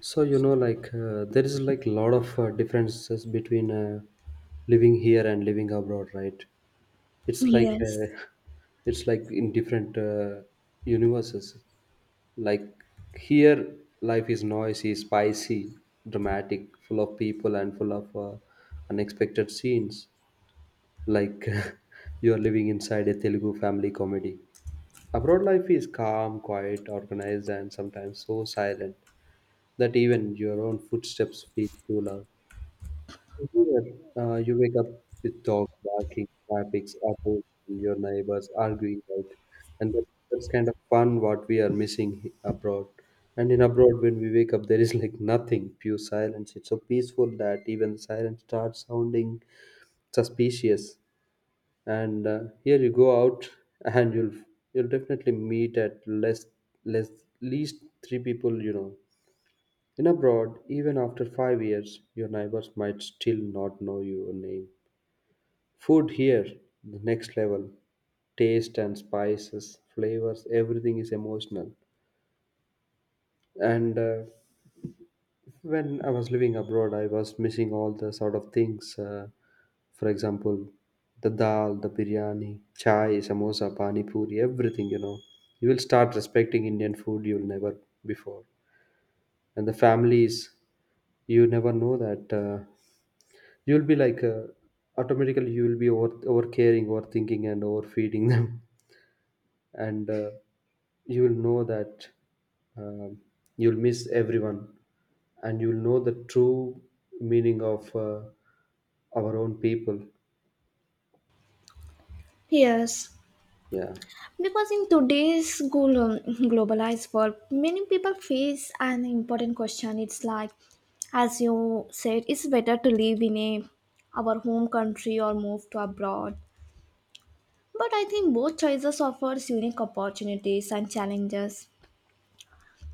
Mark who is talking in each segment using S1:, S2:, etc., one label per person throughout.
S1: There is like a lot of differences between living here and living abroad, right? It's like
S2: Yes,
S1: it's like in different universes. Like here, life is noisy, spicy, dramatic, full of people, and full of unexpected scenes. Like you are living inside a Telugu family comedy. Abroad life is calm, quiet, organized, and sometimes so silent that even your own footsteps feel too loud. Here, you wake up with dogs barking, traffic, apples, and your neighbors arguing, right? And that, that's kind of fun what we are missing abroad. And in abroad, when we wake up, there is like nothing, pure silence. It's so peaceful that even silence starts sounding suspicious. And here you go out, and you'll definitely meet at less less least three people you know in abroad, even after 5 years, your neighbors might still not know your name. Food here, the next level. Taste and spices, flavors, everything is emotional. And when I was living abroad, I was missing all the sort of things. For example, the dal, the biryani, chai, samosa, pani puri, everything, you know. You will start respecting Indian food you'll never before. And the families, you never know that. You'll be like Automatically you will be over caring, overthinking, and overfeeding them, and you will know that um, you'll miss everyone, and you'll know the true meaning of our own people.
S2: yes.
S1: Yeah,
S2: Because in today's globalized world, many people face an important question. It's like, as you said, it's better to live in a our home country or move to abroad. But I think both choices offers unique opportunities and challenges.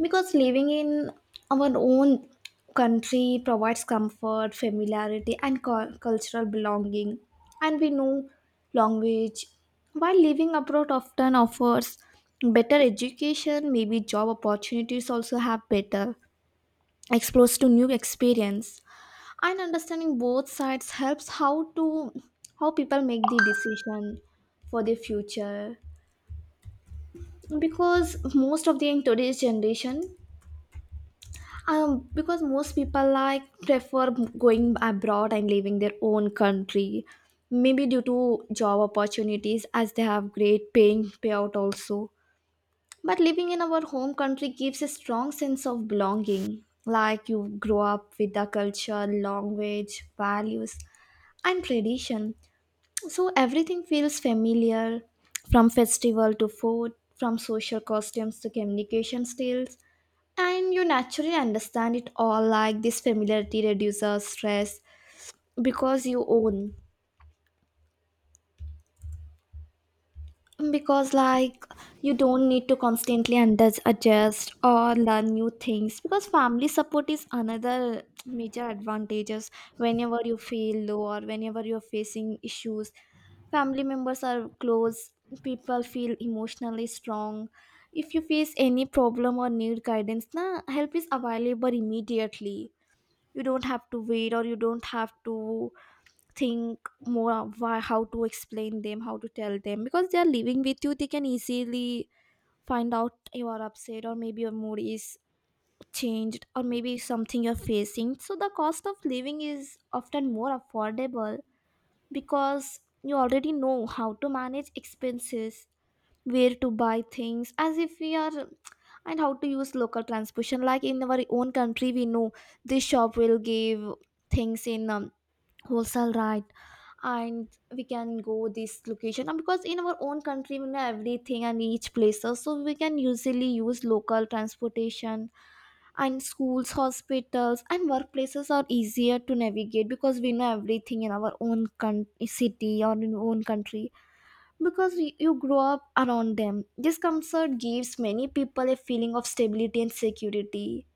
S2: Because living in our own country provides comfort, familiarity, and cultural belonging, and we know language. While living abroad often offers better education, maybe job opportunities also have better exposed to new experience, and understanding both sides helps how people make the decision for the future, because most of the in today's generation, because most people like prefer going abroad and leaving their own country, maybe due to job opportunities, as they have great paying payout also. But living in our home country gives a strong sense of belonging, like you grow up with the culture, language, values, and tradition, so everything feels familiar, from festival to food, from social costumes to communication styles, and you naturally understand it all. Like this familiarity reduces stress because you own. Because, like, you don't need to constantly adjust or learn new things. Because family support is another major advantages whenever you feel low or whenever you're facing issues. Family members are close, people feel emotionally strong. If you face any problem or need guidance, na, help is available immediately. You don't have to wait, or you don't have to think more of why, how to explain them, how to tell them, because they are living with you, they can easily find out you are upset or maybe your mood is changed or maybe something you're facing. So the cost of living is often more affordable because you already know how to manage expenses, where to buy things as if we are, and how to use local transportation. Like in our own country, we know this shop will give things in wholesale, right? And we can go this location, and because in our own country we know everything and each places, so we can usually use local transportation, and schools, hospitals, and workplaces are easier to navigate because we know everything in our own city or in own country, because you grow up around them. This comfort gives many people a feeling of stability and security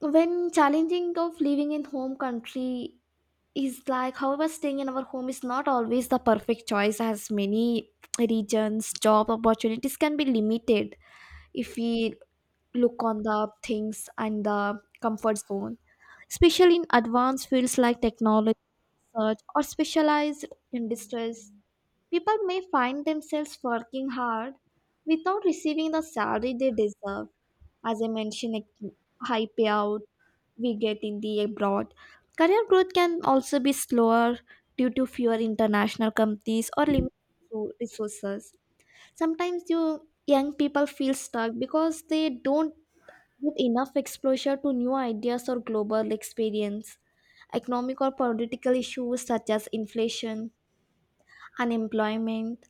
S2: when challenging of living in home country is like. However, staying in our home is not always the perfect choice, as many regions job opportunities can be limited if we look on the things and the comfort zone, especially in advanced fields like technology, search, or specialized industries. People may find themselves working hard without receiving the salary they deserve. As I mentioned, like high payouts we get in the abroad. Career growth can also be slower due to fewer international companies or limited resources. Sometimes young people feel stuck because they don't get enough exposure to new ideas or global experience. Economic or political issues such as inflation, unemployment,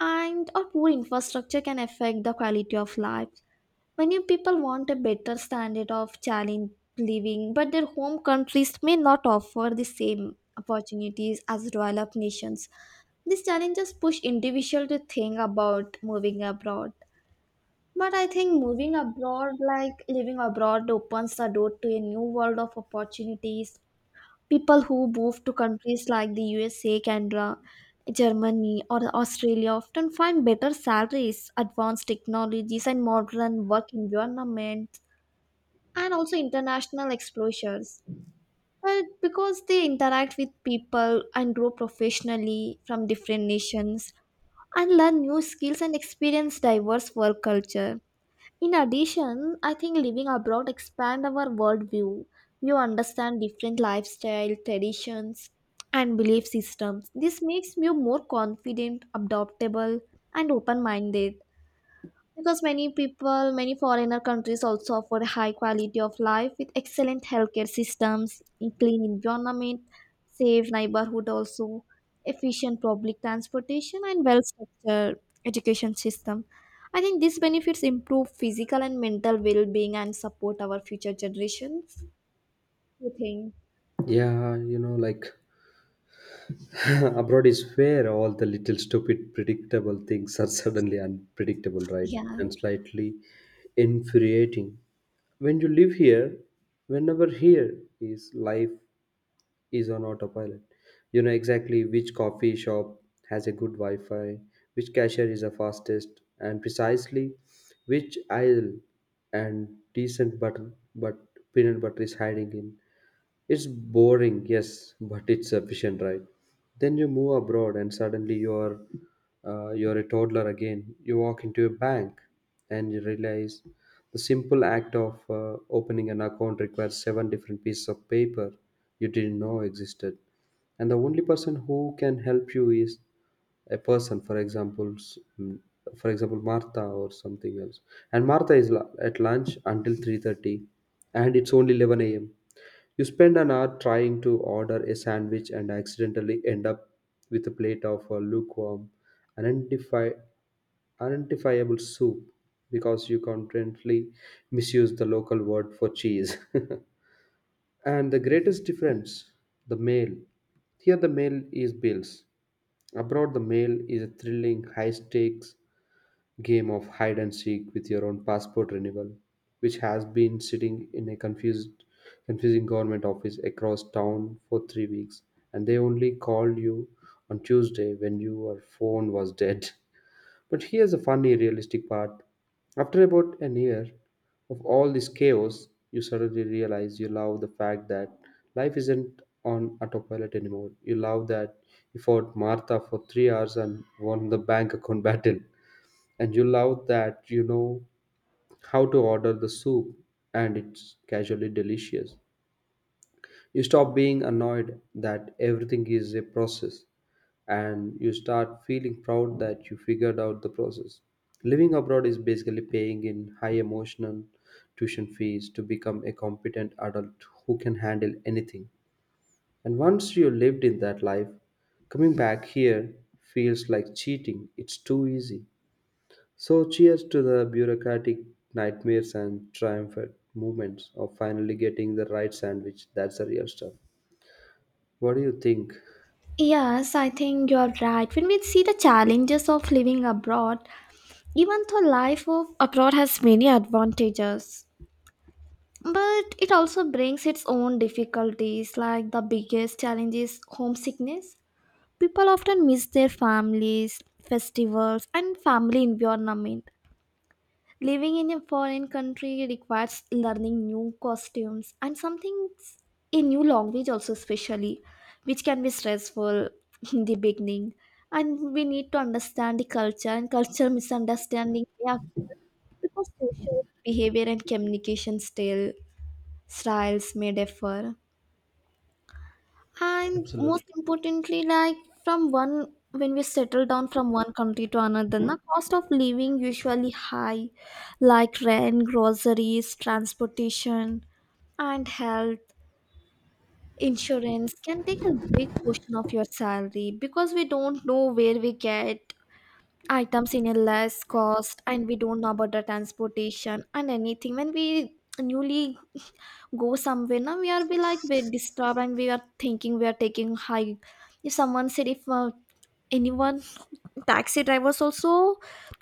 S2: and or poor infrastructure can affect the quality of life. Many people want a better standard of challenge living, but their home countries may not offer the same opportunities as developed nations. These challenges push individuals to think about moving abroad. But I think moving abroad, like living abroad, opens the door to a new world of opportunities. People who move to countries like the USA, Canada, Germany, or Australia often find better salaries, advanced technologies, and modern work environment, and also international exposures, but because they interact with people and grow professionally from different nations, and learn new skills and experience diverse work culture. In addition, I think living abroad expand our worldview. You understand different lifestyle, traditions, and belief systems. This makes you more confident, adaptable, and open-minded, because many foreigner countries, also offer high quality of life with excellent healthcare systems, a clean environment, safe neighborhood, also efficient public transportation and well structured education system. I think these benefits improve physical and mental well-being and support our future generations. You think?
S1: yeah. Abroad is where all the little stupid, predictable things are suddenly unpredictable, right?
S2: Yeah.
S1: And slightly infuriating. When you live here, whenever here is, life is on autopilot. You know exactly which coffee shop has a good wi-fi, which cashier is the fastest, and precisely which aisle and decent butter, but peanut butter is hiding in. It's boring, yes, but it's sufficient, right? Then you move abroad, and suddenly you are you're a toddler again. You walk into a bank, and you realize the simple act of opening an account requires seven different pieces of paper you didn't know existed, and the only person who can help you is a person, for example, Martha or something else. And Martha is at lunch until 3:30, and it's only 11 a.m. You spend an hour trying to order a sandwich and accidentally end up with a plate of lukewarm, unidentified identifiable soup because you constantly misuse the local word for cheese. And the greatest difference, the mail. Here, the mail is bills. Abroad, the mail is a thrilling, high stakes game of hide and seek with your own passport renewal, which has been sitting in a confusing government office across town for 3 weeks. And they only called you on Tuesday when your phone was dead. But here's a funny, realistic part. After about an year of all this chaos, you suddenly realize you love the fact that life isn't on autopilot anymore. You love that you fought Martha for 3 hours and won the bank account battle. And you love that you know how to order the soup, and it's casually delicious. You stop being annoyed that everything is a process, and you start feeling proud that you figured out the process. Living abroad is basically paying in high emotional tuition fees to become a competent adult who can handle anything. And once you lived in that life, coming back here feels like cheating. It's too easy. So, cheers to the bureaucratic nightmares and triumphant moments of finally getting the right sandwich. That's the real stuff. What do you think?
S2: Yes, I think you're right. When we see the challenges of living abroad, even though life of abroad has many advantages, but it also brings its own difficulties, like the biggest challenge is homesickness. People often miss their families, festivals, and family environment. Living in a foreign country requires learning new costumes and something, a new language also especially, which can be stressful in the beginning. And we need to understand the culture, and culture misunderstanding, yeah, because social behavior and communication still styles may differ, and
S1: Absolutely.
S2: most importantly, like, from one when we settle down from one country to another, the cost of living usually high, like rent, groceries, transportation, and health insurance can take a big portion of your salary, because we don't know where we get items in a less cost and we don't know about the transportation and anything. When we newly go somewhere, now we are be like we're disturbed, and we are thinking we are taking high. If someone said, if anyone, taxi drivers also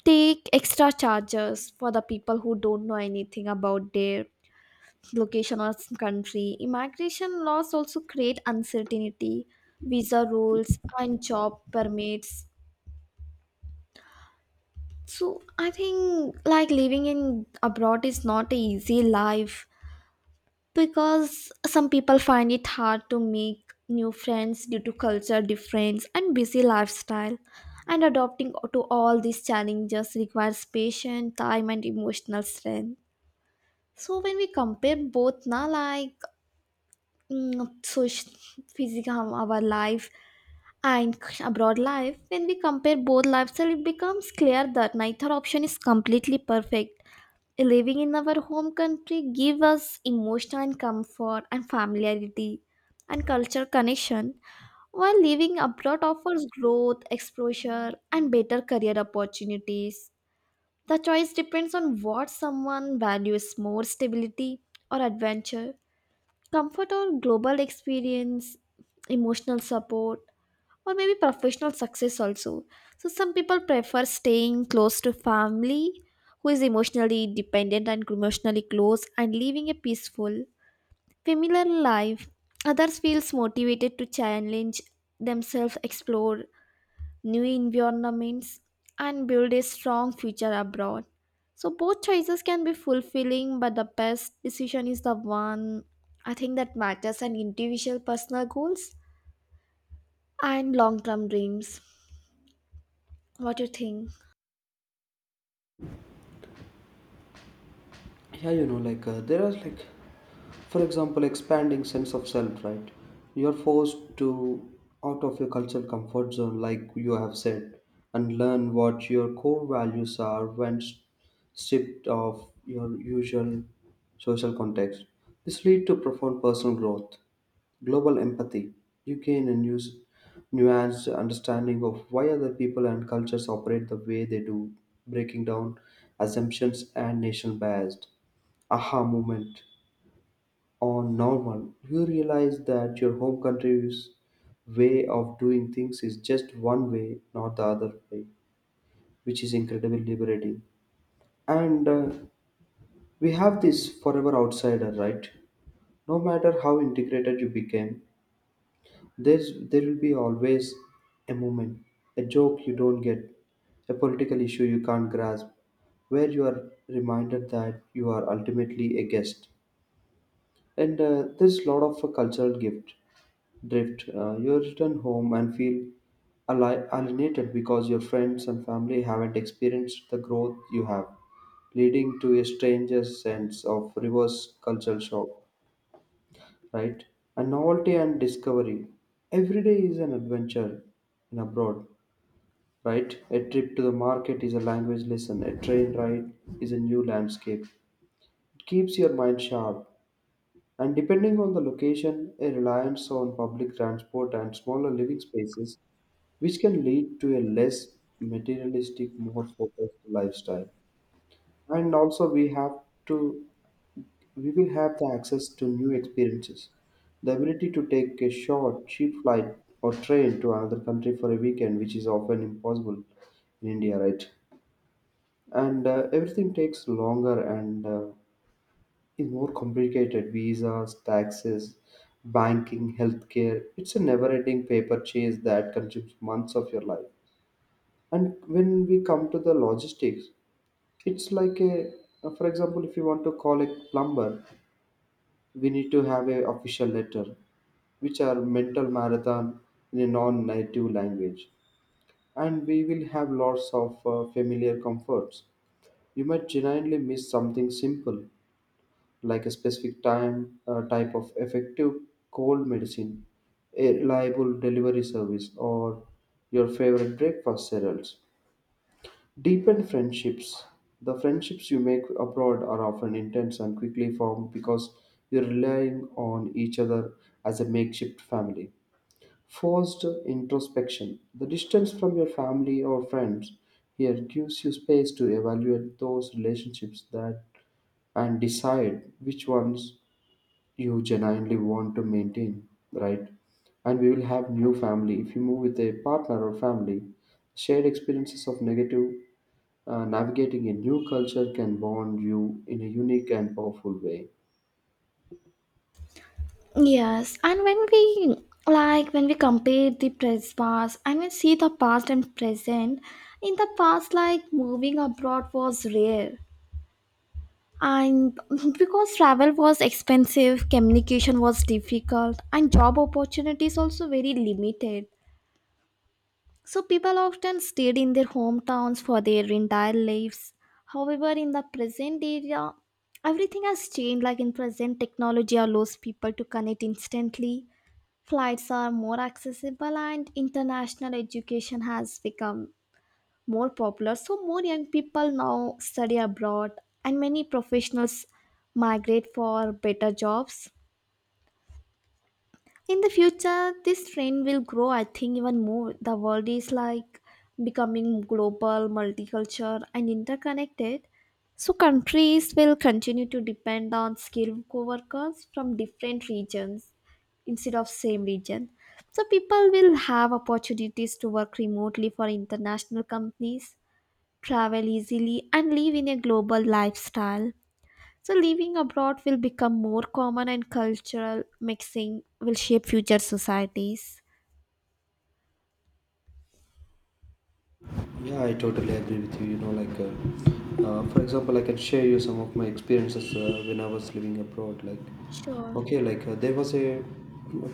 S2: take extra charges for the people who don't know anything about their location or country. Immigration laws also create uncertainty, visa rules and job permits. So I think like living in abroad is not a easy life, because some people find it hard to make new friends due to culture difference and busy lifestyle, and adapting to all these challenges requires patience, time, and emotional strength. So when we compare both na, like, social, physical, our life and abroad life, when we compare both lifestyle, it becomes clear that neither option is completely perfect. Living in our home country give us emotional comfort and familiarity and cultural connection, while living abroad offers growth, exposure, and better career opportunities. The choice depends on what someone values more, stability or adventure, comfort or global experience, emotional support or maybe professional success also. So some people prefer staying close to family, who is emotionally dependent and emotionally close, and living a peaceful, familiar life. Others feels motivated to challenge themselves, explore new environments, and build a strong future abroad. So both choices can be fulfilling, but the best decision is the one, I think, that matters an individual personal goals and long-term dreams. What do you think?
S1: There are, like, for example, expanding sense of self, right? You're forced to out of your cultural comfort zone, like you have said, and learn what your core values are when stripped of your usual social context. This lead to profound personal growth, global empathy. You gain a new, nuanced understanding of why other people and cultures operate the way they do, breaking down assumptions and nation bias. Aha moment on normal. You realize that your home country's way of doing things is just one way, not the other way, which is incredibly liberating. And we have this forever outsider, right? No matter how integrated you became, there will be always a moment, a joke you don't get, a political issue you can't grasp, where you are reminded that you are ultimately a guest. And there's a lot of a cultural gift drift. You return home and feel alienated because your friends and family haven't experienced the growth you have, leading to a strange sense of reverse cultural shock, right? And novelty and discovery. Every day is an adventure in abroad, right? A trip to the market is a language lesson, a train ride is a new landscape. It keeps your mind sharp. And depending on the location, a reliance on public transport and smaller living spaces which can lead to a less materialistic, more focused lifestyle. And also, to we will have the access to new experiences, the ability to take a short, cheap flight or train to another country for a weekend, which is often impossible in India, right? And everything takes longer and is more complicated. Visas, taxes, banking, healthcare. It's a never-ending paper chase that consumes months of your life. And when we come to the logistics, it's like a, for example, if you want to call a plumber, we need to have a official letter, which are mental marathon in a non-native language, and we will have lots of familiar comforts. You might genuinely miss something simple, like a specific time, type of effective cold medicine, a reliable delivery service, or your favorite breakfast cereals. Deepen friendships. The friendships you make abroad are often intense and quickly formed because you're relying on each other as a makeshift family. Forced introspection. The distance from your family or friends here gives you space to evaluate those relationships that and decide which ones you genuinely want to maintain, right? And we will have new family if you move with a partner or family. Shared experiences of negative navigating a new culture can bond you in a unique and powerful way.
S2: Yes. And when we compare the past, and we see the past and present, in the past like moving abroad was rare, and because travel was expensive, communication was difficult, and job opportunities also very limited. So people often stayed in their hometowns for their entire lives. However, in the present era, everything has changed. Like in present, technology allows people to connect instantly. Flights are more accessible, and international education has become more popular. So, more young people now study abroad, and many professionals migrate for better jobs. In the future, this trend will grow, I think, even more. The world is like becoming global, multicultural, and interconnected. So, countries will continue to depend on skilled co workers from different regions instead of same region. So people will have opportunities to work remotely for international companies, travel easily, and live in a global lifestyle. So living abroad will become more common, and cultural mixing will shape future societies.
S1: Yeah, I totally agree with you. You know, for example, I can share you some of my experiences when I was living abroad.
S2: Sure.
S1: There was a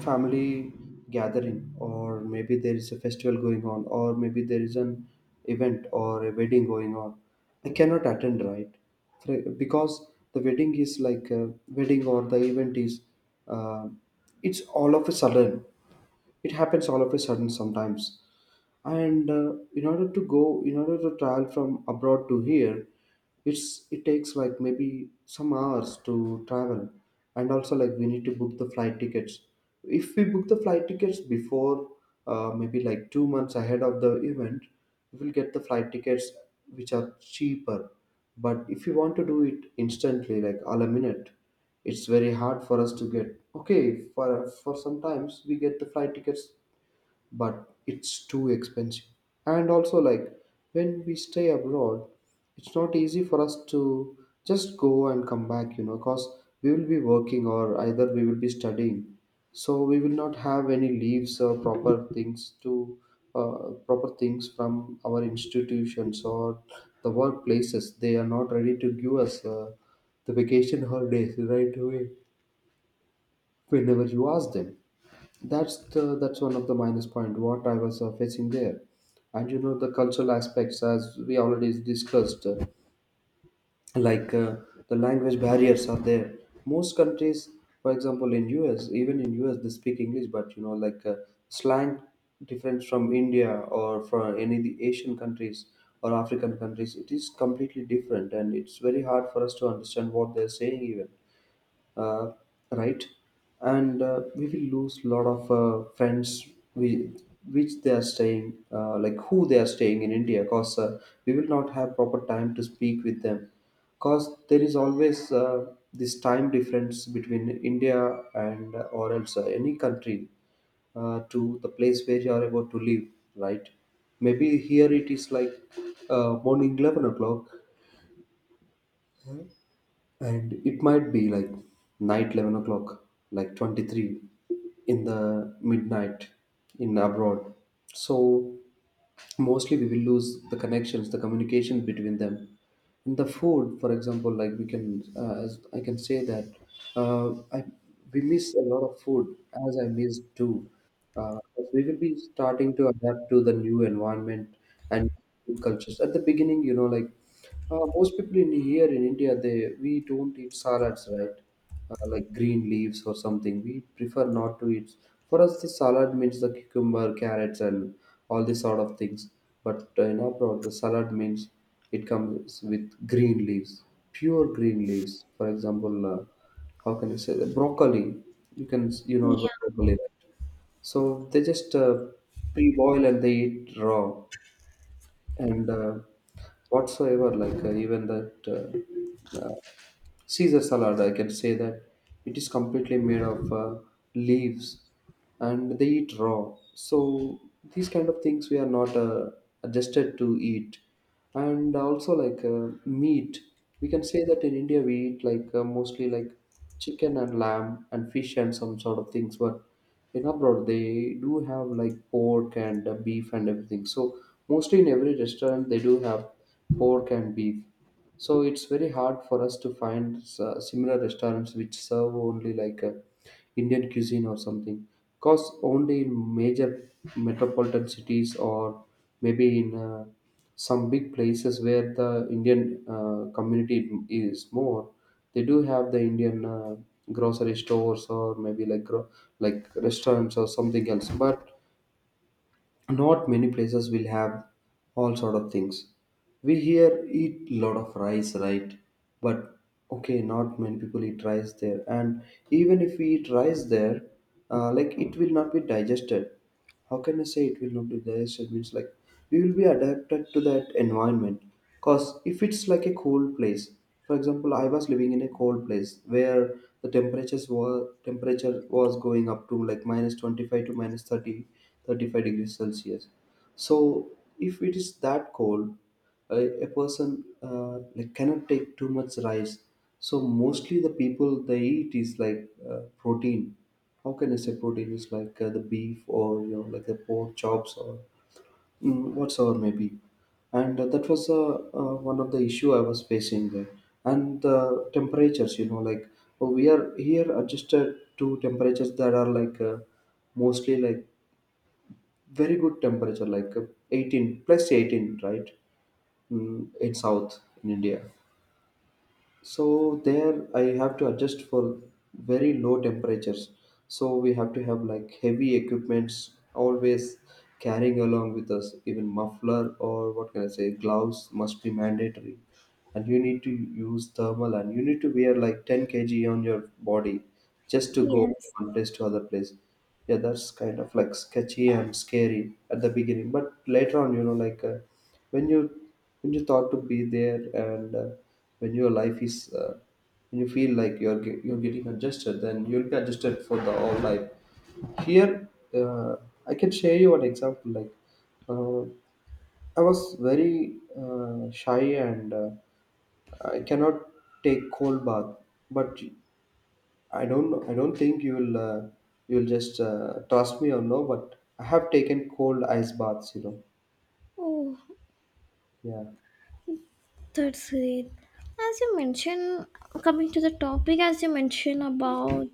S1: family gathering, or maybe there is a festival going on, or maybe there is an event or a wedding going on. I cannot attend, right? Because the wedding is like a wedding or the event is, uh, it's all of a sudden it happens all of a sudden sometimes. And in order to go, in order to travel from abroad to here, it takes like maybe some hours to travel, and also like we need to book the flight tickets. If we book the flight tickets before maybe like 2 months ahead of the event, we will get the flight tickets which are cheaper. But if you want to do it instantly, like all a minute, it's very hard for us to get. Okay, for sometimes we get the flight tickets, but it's too expensive. And also, like, when we stay abroad, it's not easy for us to just go and come back, you know, because we will be working, or either we will be studying, so we will not have any leaves or proper things to proper things from our institutions or the workplaces. They are not ready to give us the vacation holidays right away whenever you ask them. That's one of the minus point what I was facing there. And you know the cultural aspects, as we already discussed, like uh, the language barriers are there. Most countries, for example, in US, even in US, they speak English, but slang different from India or from any of the Asian countries or African countries. It is completely different, and it's very hard for us to understand what they're saying even. uh, right. And we will lose a lot of friends we which they are staying, like who they are staying in India, because we will not have proper time to speak with them, because there is always this time difference between India and or else any country, to the place where you are about to live, right. Maybe here it is like morning 11 o'clock, and it might be like night 11 o'clock, like 23 in the midnight in abroad. So mostly we will lose the connections, the communication between them. In the food, for example, like we can as I can say that, uh, I, we miss a lot of food, as I miss too, because we will be starting to adapt to the new environment and new cultures. At the beginning, like most people in here in India, they we don't eat salads, right? Like green leaves or something. We prefer not to eat. For us, the salad means the cucumber, carrots, and all these sort of things. But in abroad, the salad means it comes with green leaves, pure green leaves. For example, how can you say that? Broccoli. You know about
S2: Yeah.
S1: broccoli, right? So they just pre-boil and they eat raw, and whatsoever, like even that Caesar salad, I can say that it is completely made of leaves, and they eat raw. So these kind of things we are not adjusted to eat. And also like meat, we can say that in India we eat like mostly like chicken and lamb and fish and some sort of things. But in abroad they do have like pork and beef and everything. So mostly in every restaurant they do have pork and beef, so it's very hard for us to find similar restaurants which serve only like a Indian cuisine or something, because only in major metropolitan cities, or maybe in some big places where the Indian community is more, they do have the Indian grocery stores, or maybe like like restaurants or something else. But not many places will have all sort of things. We here eat lot of rice, right? But okay, not many people eat rice there, and even if we eat rice there, like it will not be digested. How can I say, it will not be there? So it means like we will be adapted to that environment. Cause if it's like a cold place, for example, I was living in a cold place where the temperatures were temperature was going up to like minus 25 to minus 30, 35 degrees Celsius. So if it is that cold, a person like cannot take too much rice. So mostly the people they eat is like protein. How can I say, protein is like the beef, or like the pork chops, or whatsoever maybe, and that was one of the issue I was facing there. And the temperatures, like oh, we are here adjusted to temperatures that are like mostly like very good temperature, like 18 plus 18, right? In south in India. So there I have to adjust for very low temperatures. So we have to have like heavy equipments always carrying along with us. Even muffler, or what can I say, gloves must be mandatory. And you need to use thermal, and you need to wear like 10 kg on your body just to go
S2: Yes.
S1: one place to other place. Yeah, that's kind of like sketchy and scary at the beginning. But later on, like when you when you thought to be there, and when your life is uh, when you feel like you're getting adjusted, then you'll be adjusted for the whole life here. uh, I can share you an example like, uh, I was very shy, and I cannot take cold bath. But I don't know, I don't think you will just trust me or no. But I have taken cold ice baths.
S2: Oh,
S1: Yeah,
S2: that's great. As you mentioned, coming to the topic, as you mentioned about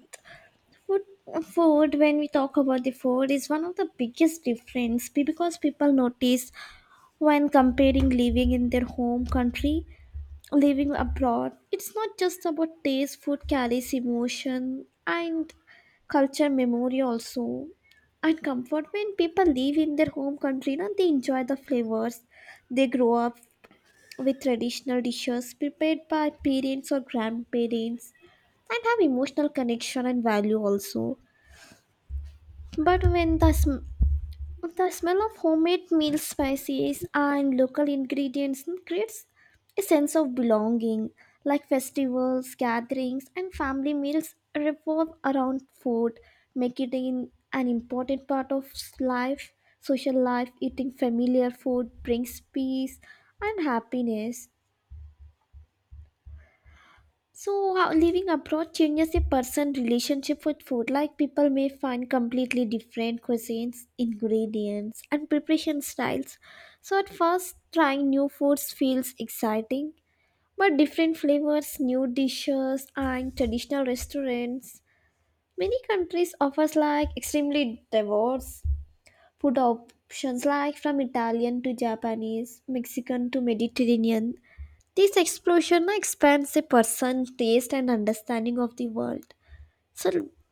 S2: Food, food. When we talk about the food, is one of the biggest difference because people notice when comparing living in their home country, living abroad. It's not just about taste. Food carries emotion and culture, memory also, and comfort. When people live in their home country, now they enjoy the flavors. They grow up with traditional dishes prepared by parents or grandparents and have emotional connection and value also, but when the smell of homemade meal, spices, and local ingredients creates a sense of belonging, like festivals, gatherings, and family meals revolve around food, making it an important part of life, social life. Eating familiar food brings peace and happiness. So, how living abroad changes a person's relationship with food. Like, people may find completely different cuisines, ingredients, and preparation styles. So, at first, trying new foods feels exciting, but different flavors, new dishes, and traditional restaurants. Many countries offers like extremely diverse food options, like from Italian to Japanese, Mexican to Mediterranean. This explosion na, expands a person's taste and understanding of the world. So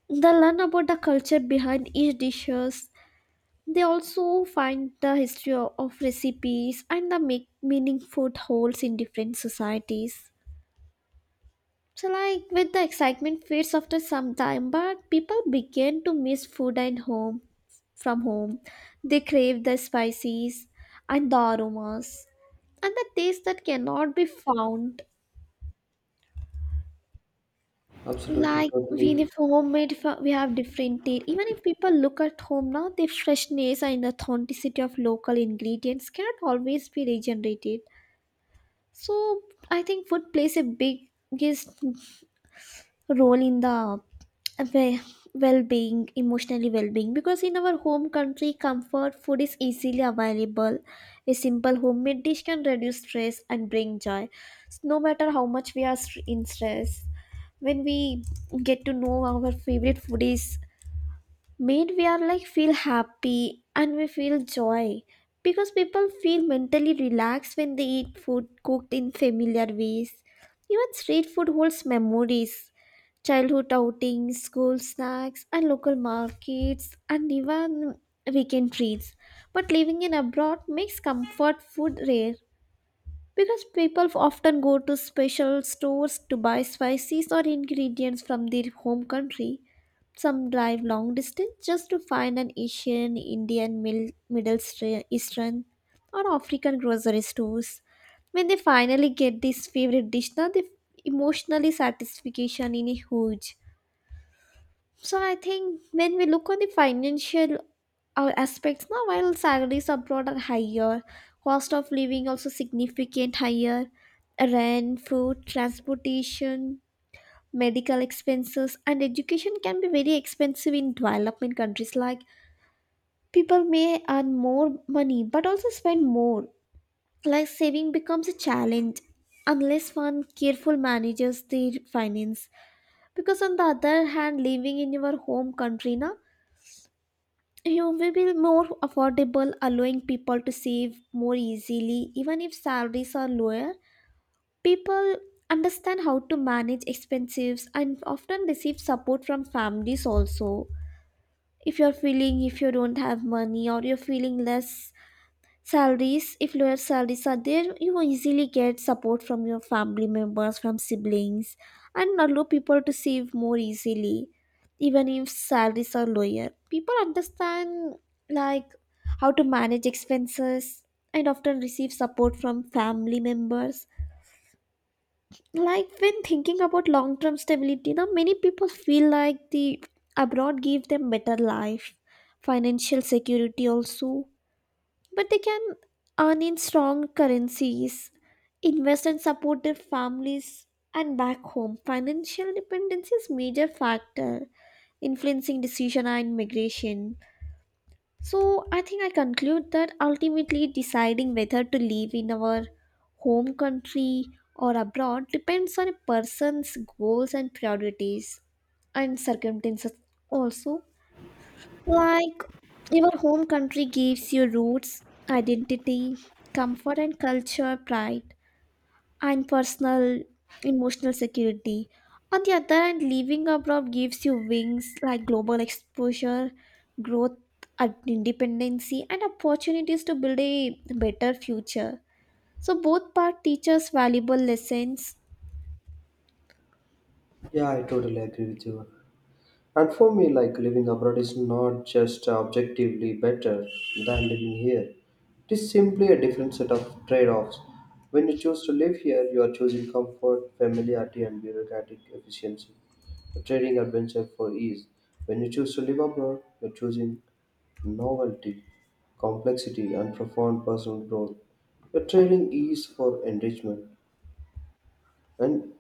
S2: they learn about the culture behind each dishes. They also find the history of recipes and the make meaningful holes in different societies. So like with the excitement fades after some time, but people begin to miss food and home from home. They crave the spices and the aromas and the taste that cannot be found.
S1: absolutely,
S2: Like we
S1: totally.
S2: live homemade, we have different taste. Even if people look at home now, the freshness and authenticity of local ingredients cannot always be regenerated. So I think food plays a biggest role in the we- well-being, emotionally well-being, because in our home country comfort food is easily available. A simple homemade dish can reduce stress and bring joy. No matter how much we are in stress, when we get to know our favorite food is made, we are like feel happy and we feel joy, because people feel mentally relaxed when they eat food cooked in familiar ways. Even street food holds memories, childhood outings, school snacks, and local markets, and even weekend treats. But living in abroad makes comfort food rare, because people often go to special stores to buy spices or ingredients from their home country. Some drive long distance just to find an Asian, Indian, Eastern, or African grocery stores. When they finally get this favorite dish, now the emotionally satisfaction in a huge. So I think when we look on the financial aspects, now while salaries abroad are higher, cost of living also significant higher, rent, food, transportation, medical expenses, and education can be very expensive in development countries. Like people may earn more money but also spend more. Like saving becomes a challenge unless one careful manages their finance. Because on the other hand, living in your home country, na, you will be more affordable, allowing people to save more easily. Even if salaries are lower, people understand how to manage expenses and often receive support from families also. If you're feeling, if you don't have money or you're feeling less salaries, if lower salaries are there, you will easily get support from your family members, from siblings, and allow people to save more easily, even if salaries are lower. People understand like how to manage expenses and often receive support from family members. Like when thinking about long-term stability, now many people feel like the abroad give them better life, financial security also, but they can earn in strong currencies, invest and support their families and back home. Financial dependence is major factor influencing decision and migration. So I think I conclude that ultimately deciding whether to live in our home country or abroad depends on a person's goals and priorities and circumstances also. Like your home country gives you roots, identity, comfort and culture, pride, and personal emotional security. On the other hand, living abroad gives you wings, like global exposure, growth, and independency, and opportunities to build a better future. So both part teach us valuable lessons.
S1: Yeah, I totally agree with you. And for me, like living abroad is not just objectively better than living here. It is simply a different set of trade-offs. When you choose to live here, you are choosing comfort, familiarity, and bureaucratic efficiency. You're trading adventure for ease. When you choose to live abroad, you're choosing novelty, complexity, and profound personal growth. You're trading ease for enrichment. And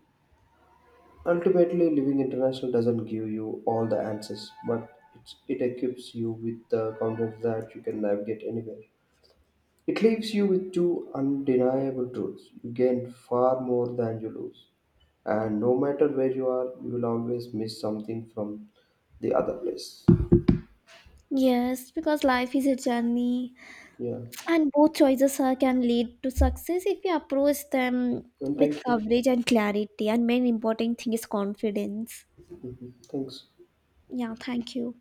S1: ultimately, living international doesn't give you all the answers, but it equips you with the confidence that you can navigate anywhere. It leaves you with two undeniable truths: you gain far more than you lose, and no matter where you are, you will always miss something from the other place.
S2: Yes, because life is a journey,
S1: Yeah,
S2: and both choices can lead to success if you approach them
S1: and
S2: with
S1: thank you.
S2: coverage and clarity. And main important thing is confidence.
S1: Mhm. Thanks.
S2: Yeah, thank you.